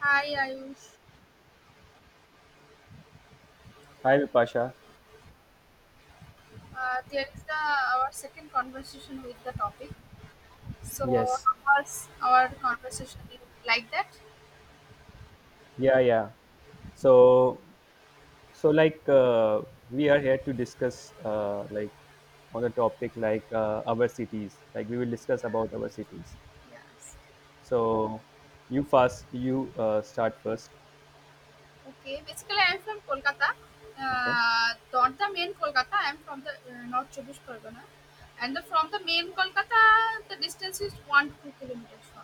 Hi, Ayush. Hi, Vipasha. There is the our second conversation with the topic. So, Yes. how was our conversation like that? Yeah, yeah. So, so like we are here to discuss like on the topic like our cities. Like we will discuss about our cities. Yes. So, you first. You start first. Okay. Basically, I am from Kolkata. Okay. Not the main Kolkata. I am from the North Chobbish Pargana, and from the main Kolkata, the distance is 1 to 2 kilometers from.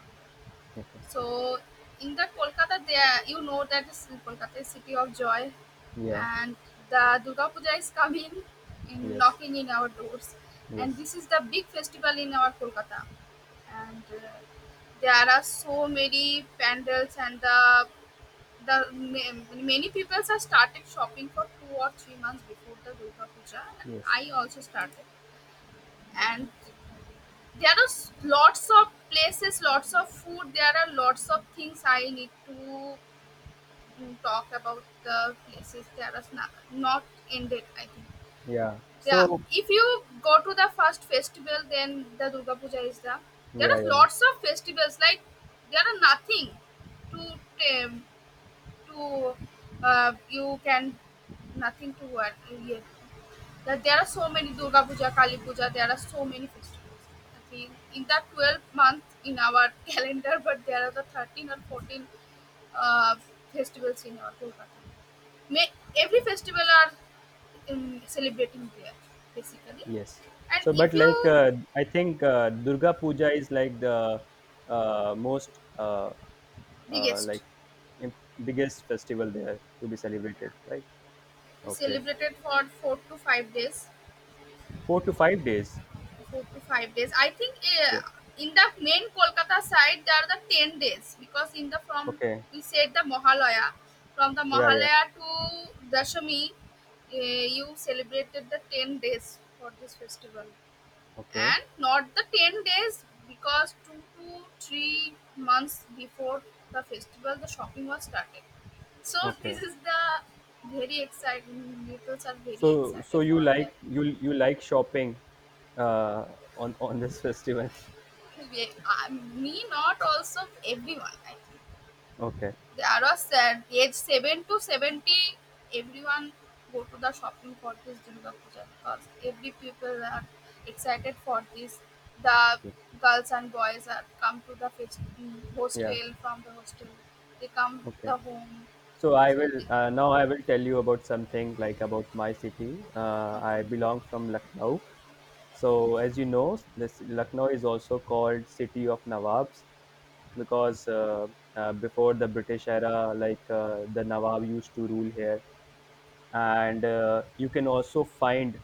Okay. So in the Kolkata, there you know Kolkata is city of joy, Yeah. and the Durga Puja is coming in Yes. knocking in our doors, and Yes. this is the big festival in our Kolkata, and there are so many pandals and the many people are started shopping for 2 or 3 months before the Durga Puja, and Yes. I also started, and there are lots of places, lots of food, there are lots of things I need to talk about the places, there are not ended, I think. Yeah. Yeah, So. if you go to the first festival, then the Durga Puja is there Yeah. are Yeah. lots of festivals, like there are nothing to um, to you can, nothing to what, yeah, that there are so many Durga Puja, Kali Puja, there are so many festivals. I mean, in the 12 month in our calendar, but there are the 13 or 14 uh, festivals in our Kolkata. May, every Okay. festival are celebrating there, basically. Yes. And So, but if like you I think Durga Puja is like the uh, most uh, uh, biggest, like im- biggest festival there to be celebrated, right? we Okay, celebrated for 4 to 5 days. 4 to 5 days. 4 to 5 days. I think, Yeah. uh, in the main Kolkata side there are the 10 days because in the from Okay. you said the Mahalaya, from the Yeah. Yeah. Mahalaya to Dashami, you celebrated the 10 days for this festival, Okay. and not the 10 days because 2 to 3 months before the festival the shopping was started. So this Okay. is the very exciting. People are very So, so excited you for that. like you like shopping on this festival? Ye- uh, Me not also everyone, I think. Okay. There are said age 7 to 70, everyone go to the shopping for this Durga Puja because every people are excited for this. The girls and boys are come to the Yeah. hostel, from the hostel they come Okay. the home, So I so will they, now I will tell you about something like about my city. I okay. belong from Lucknow. So as you know, this Lucknow is also called city of Nawabs because before the British era, like the Nawab used to rule here and you can also find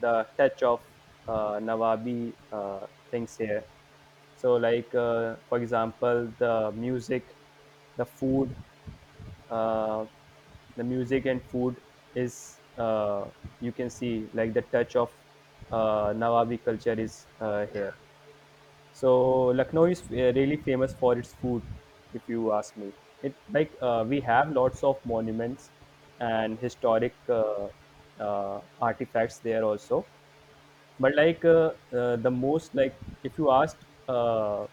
the touch of Nawabi things here. So, like for example, the music, the food, uh, the music and food is you can see like the touch of Nawabi culture is here. So Lucknow is really famous for its food, if you ask me. It like we have lots of monuments and historic artifacts there also. But like the most like if you asked uh,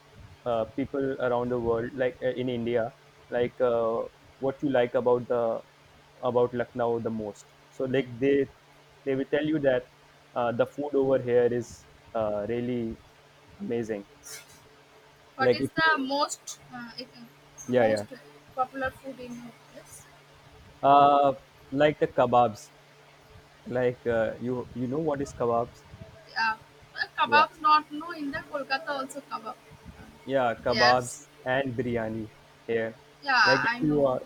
uh, people around the world, like in India, like what you like about the about Lucknow the most. So like they will tell you that the food over here is really amazing What like if is the you, most yeah, yeah. most popular food in your place? Uh, like the kebabs. Like you, you know what is kebabs? Yeah, well, Yeah, kebabs not no in the Kolkata also kebab. Uh, yeah, There's, kebabs and biryani here. Like yeah, if I you know. are,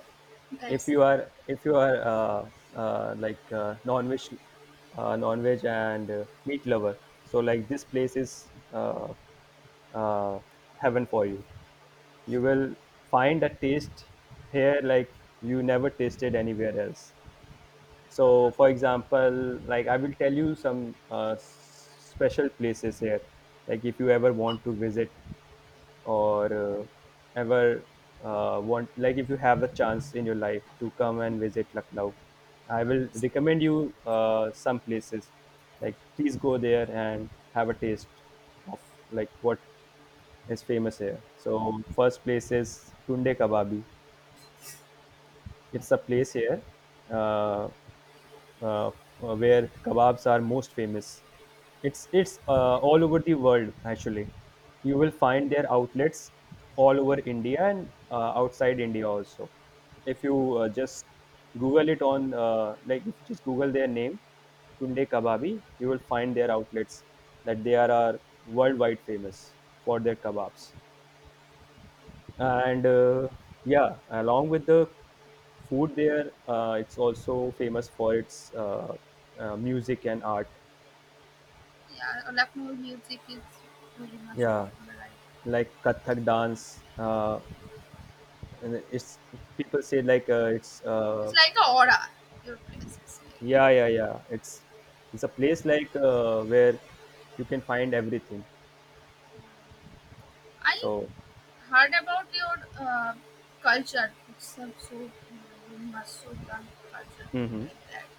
if That's you are, if you are like non-veg, non-veg and meat lover. So like this place is uh, heaven for you. You will find a taste here like you never tasted anywhere else. So, for example, like I will tell you some special places here. Like if you ever want to visit or ever like if you have the chance in your life to come and visit Lucknow, I will obviously, recommend you some places. Like please go there and have a taste of like what is famous here. So first place is Tunde Kababi. It's a place here uh, uh, where the kebabs are most famous. It's all over the world actually. You will find their outlets all over India and outside India also. If you just Google it on like if you just Google their name, Tunde Kababi, you will find their outlets that are worldwide famous for their kebabs and yeah along with the food there it's also famous for its music and art yeah. Lucknow music is very much yeah popular. Right? like Kathak dance. And it's people say like it's It's like a aura. Your place is like. yeah yeah yeah. It's a place like where you can find everything. I So heard about your culture. It's so very much so done culture hmm like that.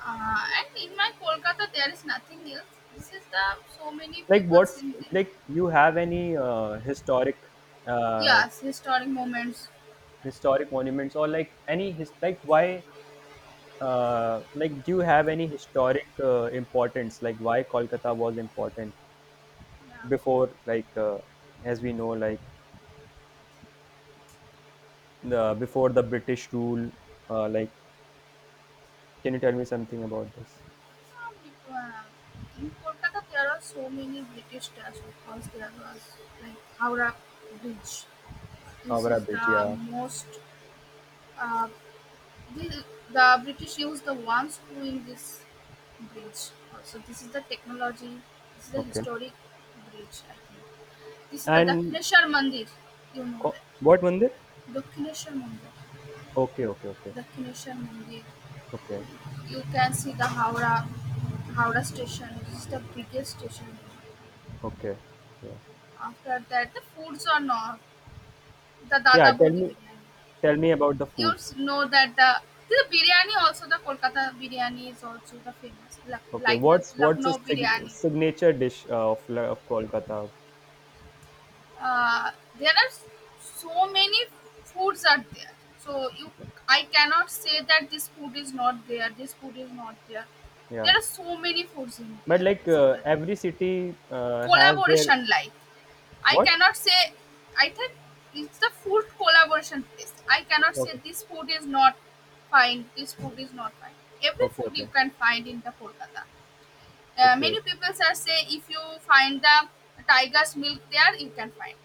And in my Kolkata, there is nothing else. This is the so many like peoples what's in there. like you have any uh, Yes, historic moments. historic monuments or like any his like why like, do you have any historic importance? Like, why Kolkata was important Yeah. before, like, as we know, like, the before the British rule? Like, can you tell me something about this? Um, uh, in Kolkata, there are so many British stars because there was like Howrah Bridge. This Howrah is Bridge, the yeah. most. Uh, the, the British used the ones who in this bridge. So this is the technology. This is the Okay. historic bridge. I think this is the And Dakshineshwar Mandir. You know Ko- that what mandir? Dakshineshwar Mandir. Okay, okay, okay, Dakshineshwar Mandir. okay, You can see the Howrah station. This is the biggest station. okay. Yeah, After that, the foods are not the yeah. Dada Bodhi biryani. Tell me about the You food. Know that the biryani also the Kolkata biryani is also the famous Okay, like the what's the Lucknow sig biryani. signature dish of Kolkata? Uh, there are so many foods are there. So you, Okay. I cannot say that this food is not there. This food is not there. Yeah. There are so many foods in But there like basically. every city has their Collaboration like I what? cannot say. I think it's the food collaboration place. I cannot say Okay, this food is not fine. This food is not fine. Every okay, food you okay, can find in the Kolkata. Okay. Many people are say if you find the tiger's milk there, you can find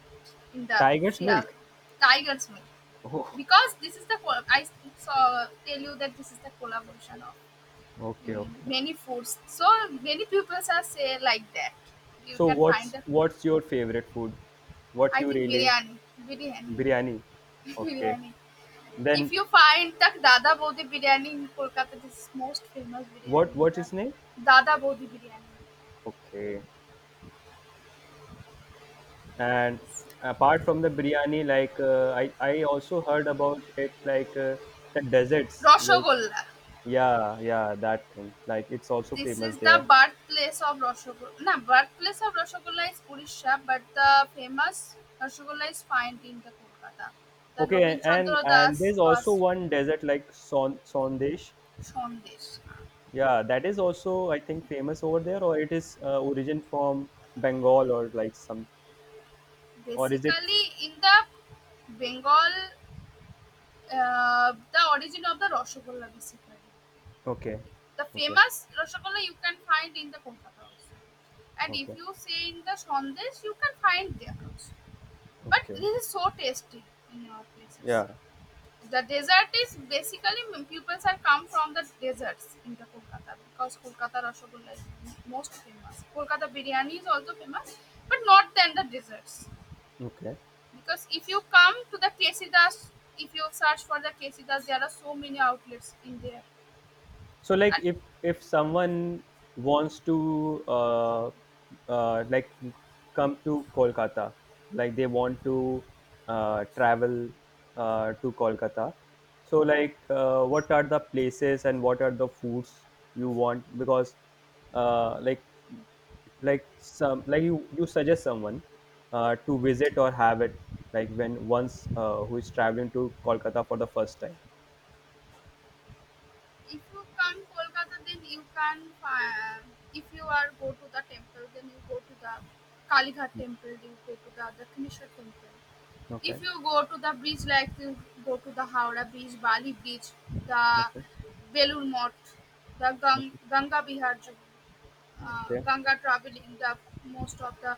in the Tiger's Shial milk. tiger's milk Oh, because this is the I saw tell you that this is the collaboration of okay, okay. many foods. So many people are say like that. You So can find the. what's your favorite food? What I you think really biryani, biryani. biryani? Okay. Biryani. If Then you find the Dada Bodhi Biryani in Kolkata, this is most famous biryani what in what's its name? the Dada Bodhi Biryani. Okay. And apart from the biryani, like uh, I also heard about it like the deserts. Like Rashogolla. yeah, yeah, that thing. Like it's also This famous is the there. birthplace of Rashogolla. No, birthplace of Rashogolla is Odisha, but the famous Rashogolla is found in the Kolkata. The Okay, Nobin Chandra and Das there's also was one desert like Sondesh. Sondesh. Yeah, that is also I think famous over there, or it is origin from Bengal or like some, or is it? Basically, in the Bengal, the origin of the Rashogolla basically. Okay, The okay, famous Rasgulla you can find in the Kolkata also. And if okay, you say in the Sandesh, you can find there also. But okay. this is so tasty in our places. Yeah, The dessert is basically pupils are come from the deserts in the Kolkata because Kolkata Rasgulla is most famous. Kolkata biryani is also famous, but not than the desserts. okay. Because if you come to the Kesidas, if you search for the Kesidas, there are so many outlets in there. So like And if someone wants to like come to Kolkata, like they want to travel to Kolkata. So like what are the places and what are the foods you want? Because uh, like like some like you suggest someone to visit or have it like when once who is traveling to Kolkata for the first time. if you come Kolkata, then you can find. If you are go to the temple, then you go to the Kaliya Temple. You go to the Dakshineshwar Temple. Okay. If you go to the beach, like you go to the Howrah Beach, Bali Beach, the Okay. Velur Mot, the Okay. Ganga Bihar, Okay. Ganga Travelling, the most of the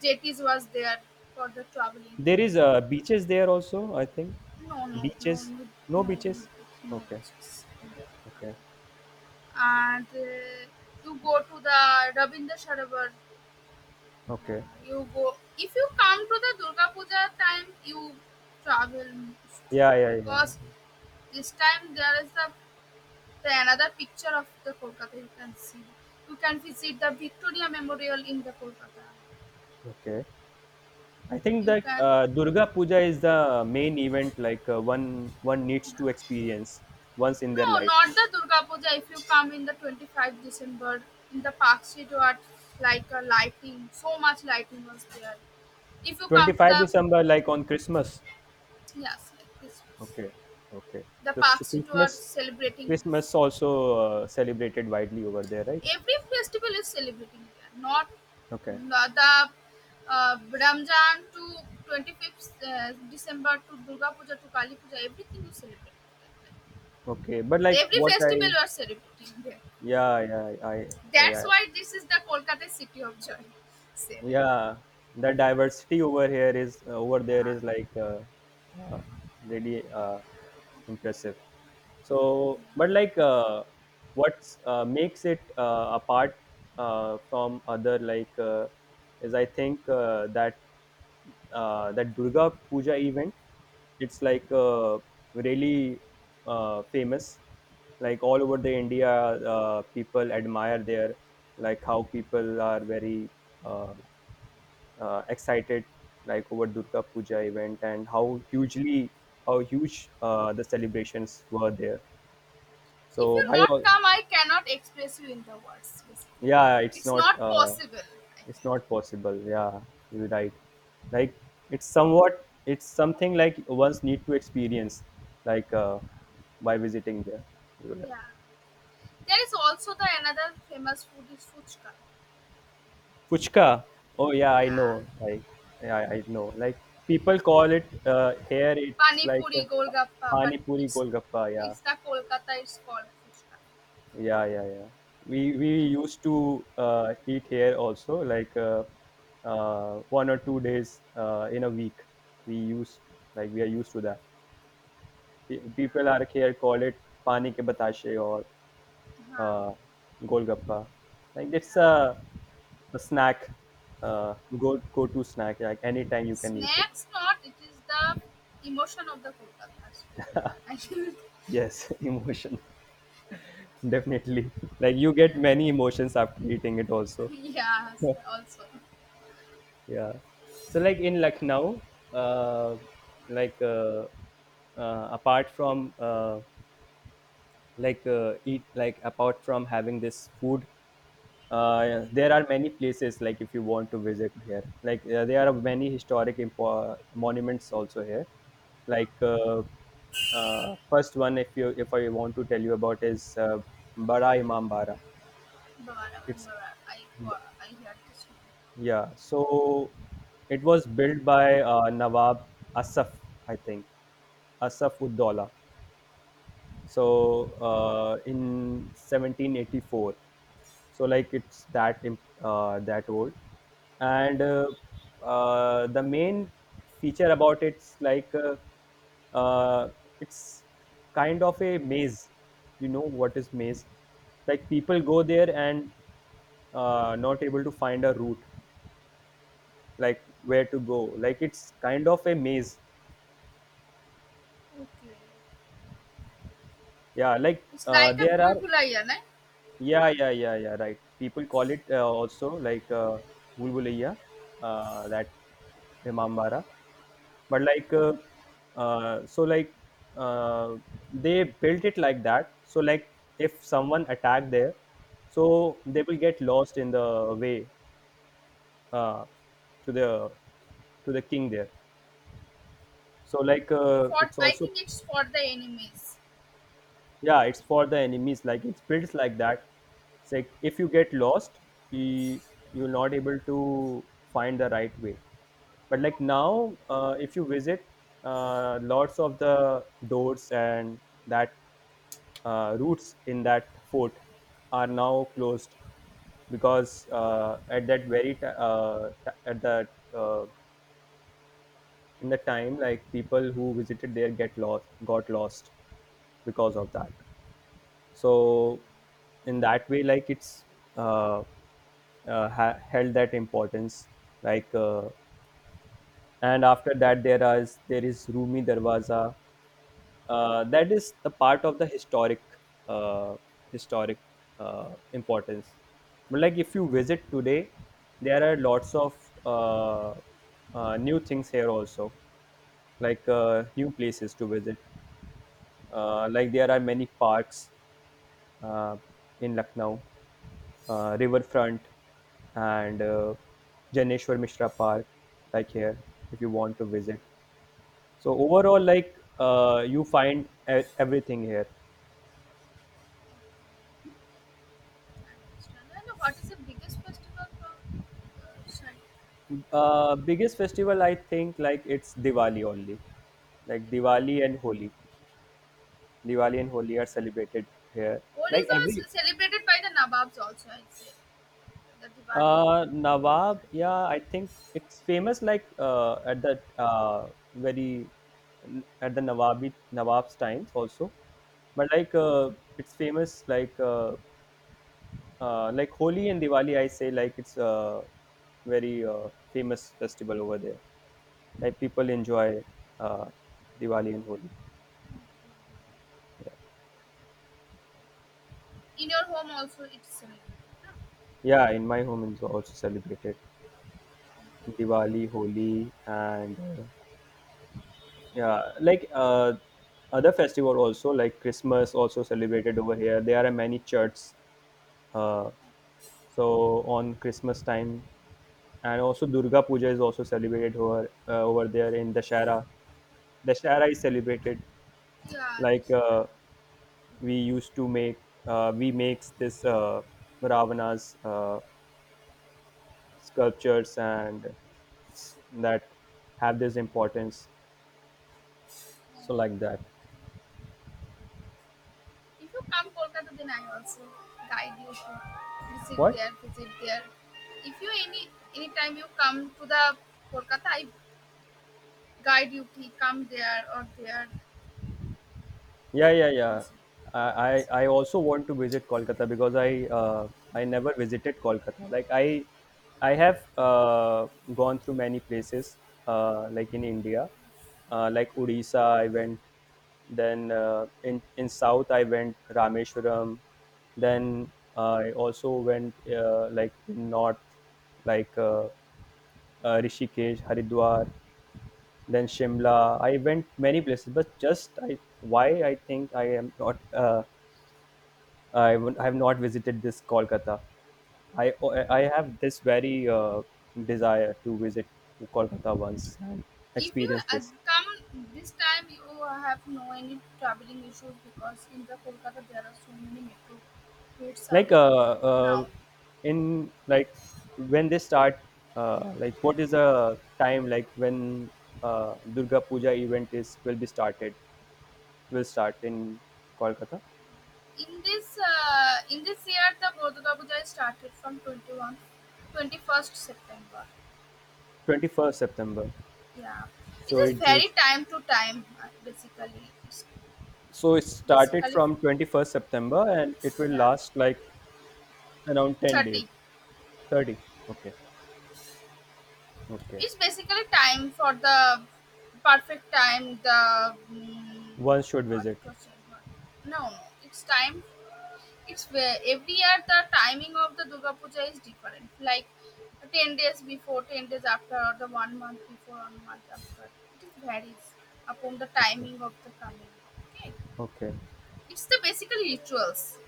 JETs was there for the travelling. There is beaches there also, I think. No, no, no, Beaches? no, No no, no, beaches? no. Okay, okay, And you go to the Rabindra Sarovar. okay. Uh, you go, if you come to the Durga Puja time, you travel most Yeah, yeah, yeah. because this time there is the another picture of the Kolkata you can see. You can visit the Victoria Memorial in the Kolkata. Okay. I think You that can. Durga Puja is the main event like one needs to experience once in their No, life. not the Durga Puja. If you come in the December 25, in the Park Street, what like a lighting, so much lighting was there if you come to 25 the. December like on Christmas. Yes, like Christmas. Okay, okay. The So, parks too are celebrating this. Christmas also celebrated widely over there, right? Every festival is celebrating that. Not Okay. not the Ramjan to 25th December to Durga Puja to Kali Puja. Everything is celebrating. Okay, but like Every what festival I you are celebrating there. yeah yeah I That's why this is the Kolkata city of joy. Say that. yeah the diversity over here is over there Yeah. is like uh, really impressive so but like what's makes it apart from other like is I think that durga puja event it's like really famous like all over the india people admire their like how people are very uh, excited like over Durga Puja event and how huge the celebrations were there. If So you I not al- come, I cannot express you in the words. Basically, yeah, it's not possible, I it's think. not possible. Yeah, you're right. Like it's somewhat it's something like one's need to experience like by visiting there. You're right. Yeah. There is also the another famous food is Fuchka. Fuchka. Oh yeah, I Yeah. know. Like yeah, I know. Like people call it here. It's Pani like Puri, Golgappa, but pani puri it's golgappa. Yeah, it's the Kolkata is called Fuchka. Yeah, yeah, yeah. We used to eat here also, like one or two days in a week. We use like we are used to that. Pe- People are Yeah. here call it pani ke batashe or Huh. uh, golgappa. Like it's Yeah. A snack, go to snack. Like anytime you can eat it. Snacks not, it is the emotion of the Kolkata's people. I think, Yes, emotion definitely. Like you get yeah. many emotions after eating it also. Yes, also. Yeah. So like in Lucknow, uh, like uh, apart from like eat like apart from having this food, there are many places like if you want to visit here, like there are many historic impo- monuments also here. Like first one, if I want to tell you about is Bada Imam Bara. Bara- It's bara- I I heard this one. Yeah, so it was built by Nawab Asaf, I think, Asaf ud Dawla. So in 1784, so like it's that imp- that old, and the main feature about it's like uh, it's kind of a maze. You know what is maze? Like people go there and not able to find a route like where to go like it's kind of a maze Okay. yeah like It's like a there are bulbulaya, right? yeah yeah yeah yeah right people call it also like bulbuliya that imambara but like so like uh, they built it like that so like if someone attacked there so they will get lost in the way uh, to the to the king there so like Okay. For it's I also think it's for the enemies. yeah it's for the enemies like it's built like that it's like if you get lost you you're not able to find the right way but like now if you visit lots of the doors and that routes in that fort are now closed because at that very ti t- at the uh, in the time like people who visited there get lost got lost because of that so in that way like it's uh, held that importance like and after that there is rumi darwaza that is the part of the historic uh, historic importance but like if you visit today there are lots of uh, new things here also like new places to visit like there are many parks uh, in lucknow riverfront and Janeshwar Mishra Park, like here, if you want to visit. So overall, like you find everything here. And what is the biggest festival from uh, Shai- Biggest festival, I think, like it's Diwali only. Like Diwali? Diwali and Holi. Diwali and Holi are celebrated here. Like Odis every are celebrated by the Nababs also, I'd say. The Diwali. Nawab, yeah, I think it's famous like at the very at the Nawabi Nawab's times also, but like it's famous like Holi and Diwali. I say like it's a very famous festival over there. Like people enjoy uh, Diwali and Holi. In your home also, it's celebrated, no? Yeah, in my home it's also celebrated Diwali, Holi, and Yeah, like other festival also like Christmas also celebrated over here. There are many churches. Uh, so on Christmas time, and also Durga Puja is also celebrated over there in Dashara. Dashara is celebrated Yeah, the like Shri Ram. uh, we makes this Ravana's sculptures and that have this importance. So like that. If you come Kolkata, then I also guide you to visit What? there, visit there. If you any time you come to the Kolkata, I guide you to come there or there Yeah, yeah, yeah. also. I also want to visit Kolkata because I never visited Kolkata. Like I have gone through many places, like in India, like Odisha I went, then in South I went Rameshwaram, then I also went, like in North, like uh, Rishikesh, Haridwar, then Shimla. I went many places, but just I why I think I am not I have not visited this Kolkata. I I have this very desire to visit Kolkata once and If you experience this. come this time, you have no any traveling issues because in the Kolkata there are so many metro gates are Like open uh, now. uh in like when they start, like what is the time like when Durga Puja event is will be started will start in Kolkata. In this year the Bodhagabuja started from 21 21st September. 21st September. Yeah, it So is it very just time to time, basically. It's So it started basically, from 21st September and it will yeah, last like around 10 days. 30. 30. Okay. Okay. It's basically time for the perfect time. One should What visit. question? No, no. It's time. It's where every year the timing of the Durga Puja is different. Like 10 days before, 10 days after, or the one month before, one month after. It varies upon the Okay. timing of the coming. Okay, Okay. it's the basic rituals.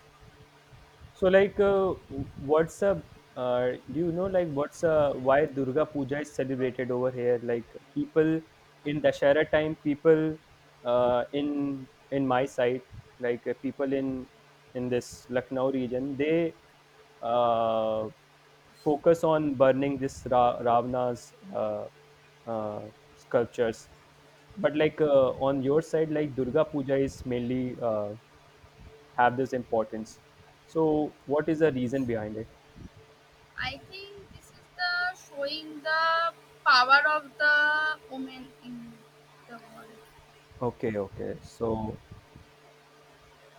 So, like, what's a do you know like what's a why Durga Puja is celebrated over here? Like, people in Dashera time, people, in my side, people in this Lucknow region, they uh, focus on burning this Ravana's uh, sculptures. But on your side, like Durga Puja is mainly have this importance. So, what is the reason behind it? I think this is the showing the power of the woman in the world. Okay, okay. So,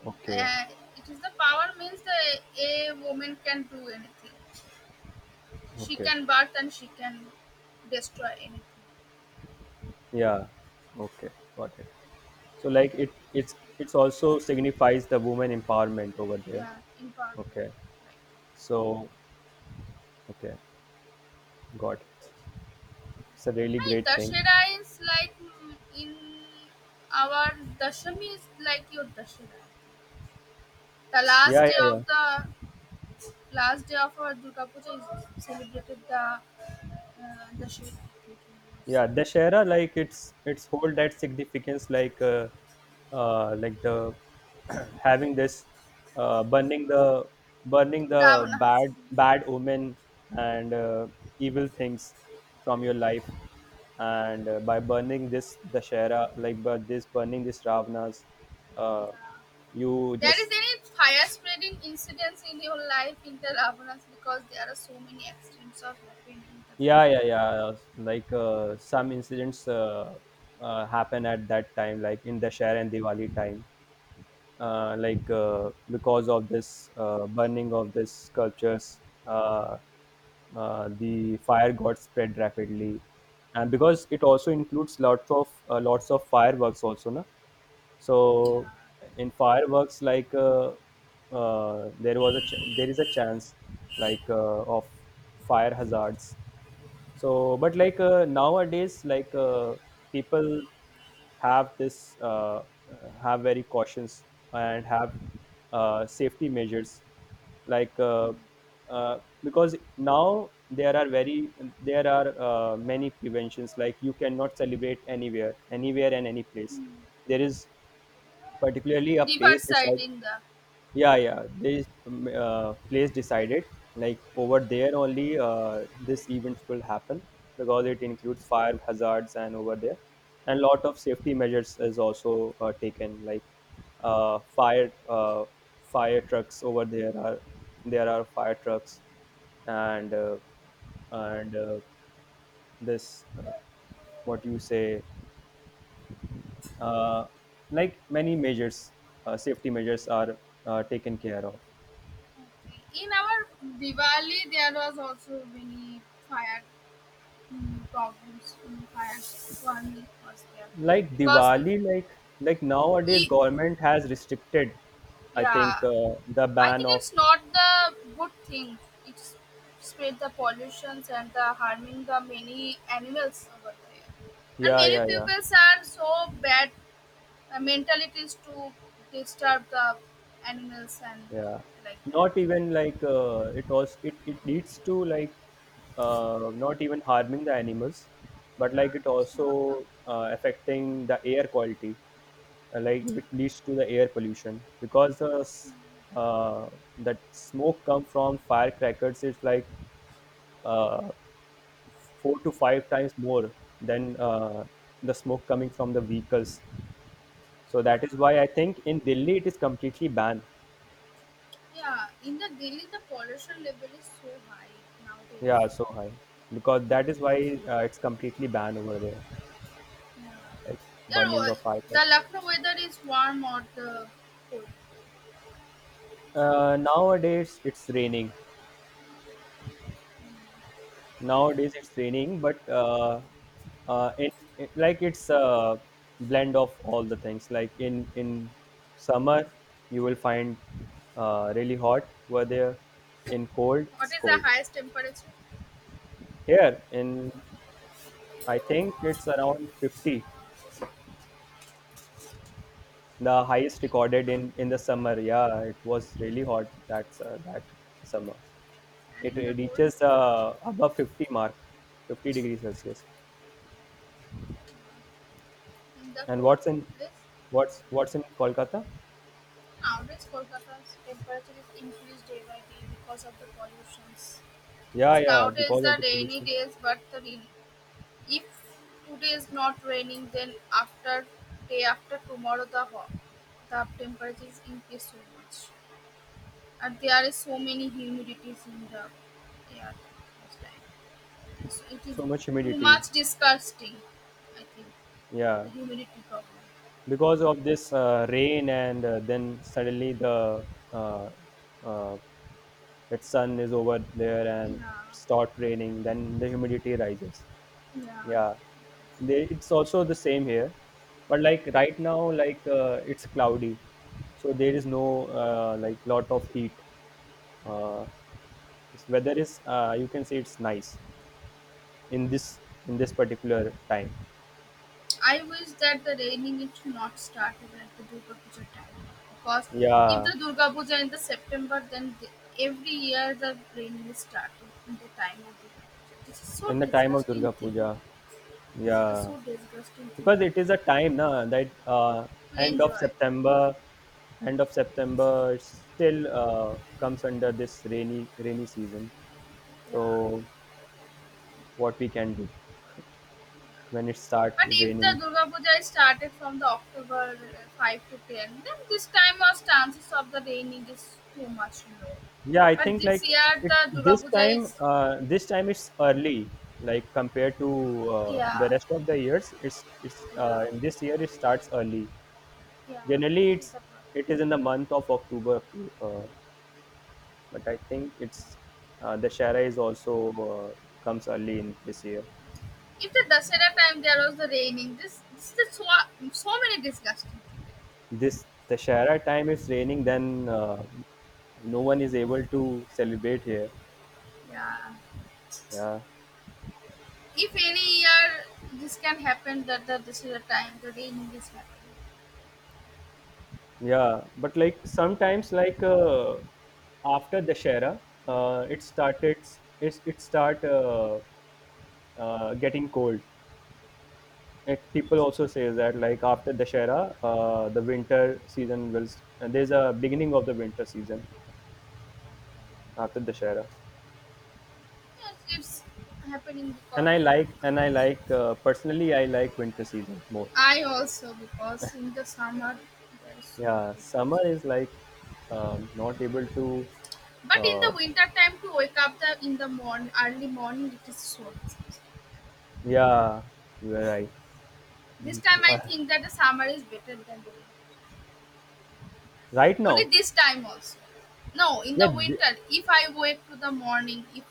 okay, Uh, it is the power means the a woman can do anything. She okay. can birth and she can destroy anything. Yeah, okay. Got it. So, like it, it's also signifies the woman empowerment over there. Yeah, in power. Okay. So, okay. Got it. It's a really I great thing. Dashera is like in our Dashami is like your Dashera, the Yeah, last yeah, day yeah. of the last day of our Durga Puja is celebrated, the Dashera like Yeah, Dashera, like it's hold that significance, like the having this uh burning the burning the Ravana. bad omen, and evil things from your life, and by burning this Dashera, like by this burning this Ravana's, uh Yeah. you There is just. any fire spreading incidents in your life in the Ravanas because there are so many accidents of happening in the Yeah, yeah, Dakshina. yeah, some incidents happen at that time, like in Dashera and Diwali time, because of this burning of these sculptures, the fire got spread rapidly, and because it also includes lots of fireworks also, na. Yeah. So in fireworks, there is a chance like uh, of fire hazards, so, but nowadays, people have this uh, have very cautions, and have safety measures, like uh, because now there are many preventions. Like you cannot celebrate anywhere, anywhere and any place. There is particularly a River pace side decide. in the. Yeah, yeah. There is place decided. Like over there only, this events will happen because it includes fire hazards, and over there, and lot of safety measures is also taken. Uh, fire, uh, fire trucks over there are fire trucks, and uh, and this what you say, uh, like many measures, safety measures are taken care of. Okay. In our Diwali there was also many fire, problems, fire one was there Like because Diwali, like nowadays e- government has restricted, I yeah, think the I ban think of. it's not the good thing. It spread the pollutions and the harming the many animals over there. And Yeah, many yeah, yeah. peoples are so bad mentalities to disturb the animals and Yeah. like that. Not even it was it leads to like, not even harming the animals, but like it Yeah, it's not the. also affecting the air quality, like which leads to the air pollution because uh, that smoke come from firecrackers. It's like uh, four to five times more than the smoke coming from the vehicles. So that is Yeah. why I think in Delhi it is completely banned. Yeah, in the Delhi the pollution level is so high nowadays. Yeah, so high because that is why it's completely banned over there, like Yeah, burning of the firecrackers. Lucknow weather is warm or the cold. Nowadays it's raining. Nowadays it's raining, but in, like it's a blend of all the things. Like in summer you will find really hot. Where there in cold What it's is the cold. highest temperature? Here in, I think it's around 50, the highest 50 recorded in the summer. Yeah, it was really hot, that's that summer. and It, in the it cold. reaches above 50 mark, 50 degrees Celsius. In the And cold this what's in Kolkata? average Kolkata's temperature is increased day by day because of the pollutions. Yeah, It's yeah, nowadays because of the the rainy pollution. days, but the if today is not raining, then after day after tomorrow the temperature is increased so much, and there is so many humidities in the air most time. And so it is So much too humidity. much disgusting. I think Yeah, the humidity problem. because of this rain and then suddenly the uh, uh, that sun is over there and Yeah, it start raining, then the humidity rises. yeah. Yeah, it's also the same here, but like right now, it's cloudy, so there is no like lot of heat, uh, this weather is you can say it's nice in this, in this particular time. I wish that the raining it should not start even at the Durga Puja time because if Yeah, the Durga Puja in the September, then every year the raining is starting in the time of Durga Puja. This is so in the time of disgusting Durga thing. Puja. This is a Yeah, so disgusting thing, because I it is a think, time now that to end of enjoy. September, end of September still comes under this rainy season. Yeah, So what we can do when it starts but if the raining? Durga Puja is started from the October 5 to 10, then this time our chances of the raining is too much low. Yeah, I But think like this year it the Durga Puja is, this time it's early, like compared to the yeah, rest of the years. It's yeah. In this year it starts early. Yeah, Generally, this is the problem. it is in the month of October. October, but I think it's the Shara is also comes early in this year. If the Dasera time there was the raining, this is so many disgusting things. This the Shara time is raining, then no one is able to celebrate here. Yeah. Yeah, If any year this can happen that the Dasera time the raining is happening. yeah. But like sometimes, after the Shara, it started. It start. Getting cold. People also say that like after Dashera, the winter season will. And there's a beginning of the winter season after Dashera. Yes, it's happening because And I like personally I like winter season more. I also because in the summer there is so Yeah, summer disgusting. is like not able to. But in uh, the winter time to wake up the in the morning early morning it is so disgusting. yeah, you are right. This time I Uh, think that the summer is better than the winter. right Only now. this time also. No, in yeah the th- winter, if I wake to the morning, if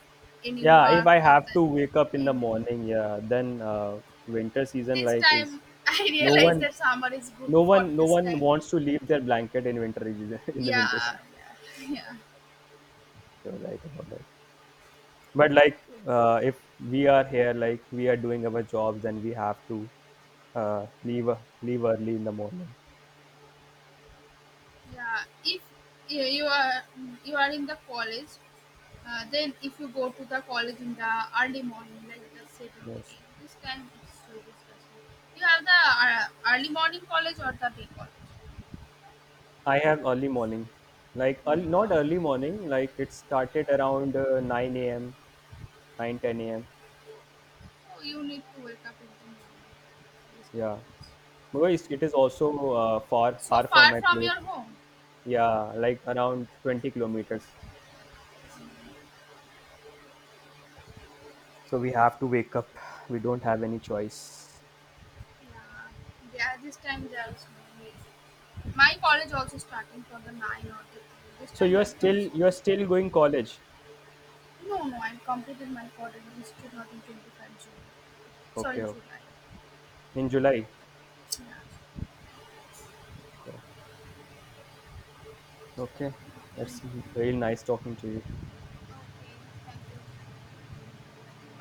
any yeah, if work I or have to wake up in the anything, morning, yeah, then winter season this like is. time I no realize one that summer is good for no this one time. wants to leave their blanket in winter season. In the winter Yeah, season, yeah, yeah. you're right about that. But if we are here, like we are doing our jobs, then we have to uh, leave uh, leave early in the morning. Yeah. If you you are you are in the college, then if you go to the college in the early morning, like the seven to Yes, eight, this time it's so disgusting. You have the early morning college or the day college? I have early morning, like No. early, not early morning. Like it started around 9 a.m, 9:10 a.m. Oh, you need to wake up in the morning. This Yeah, time. because it is also far So far from far my from place. your home. Yeah, like around 20 kilometers, so we have to wake up, we don't have any choice. Yeah, yeah, this time there is no need. My college also starting for the 9 or the 3. This So time I'm done so. you are still going college? No, no, I've completed my college institute not in June 25. Sorry, Okay, okay. July. In July. Yeah. Okay, Okay. Okay, it's really nice talking to you. thank you. Bye.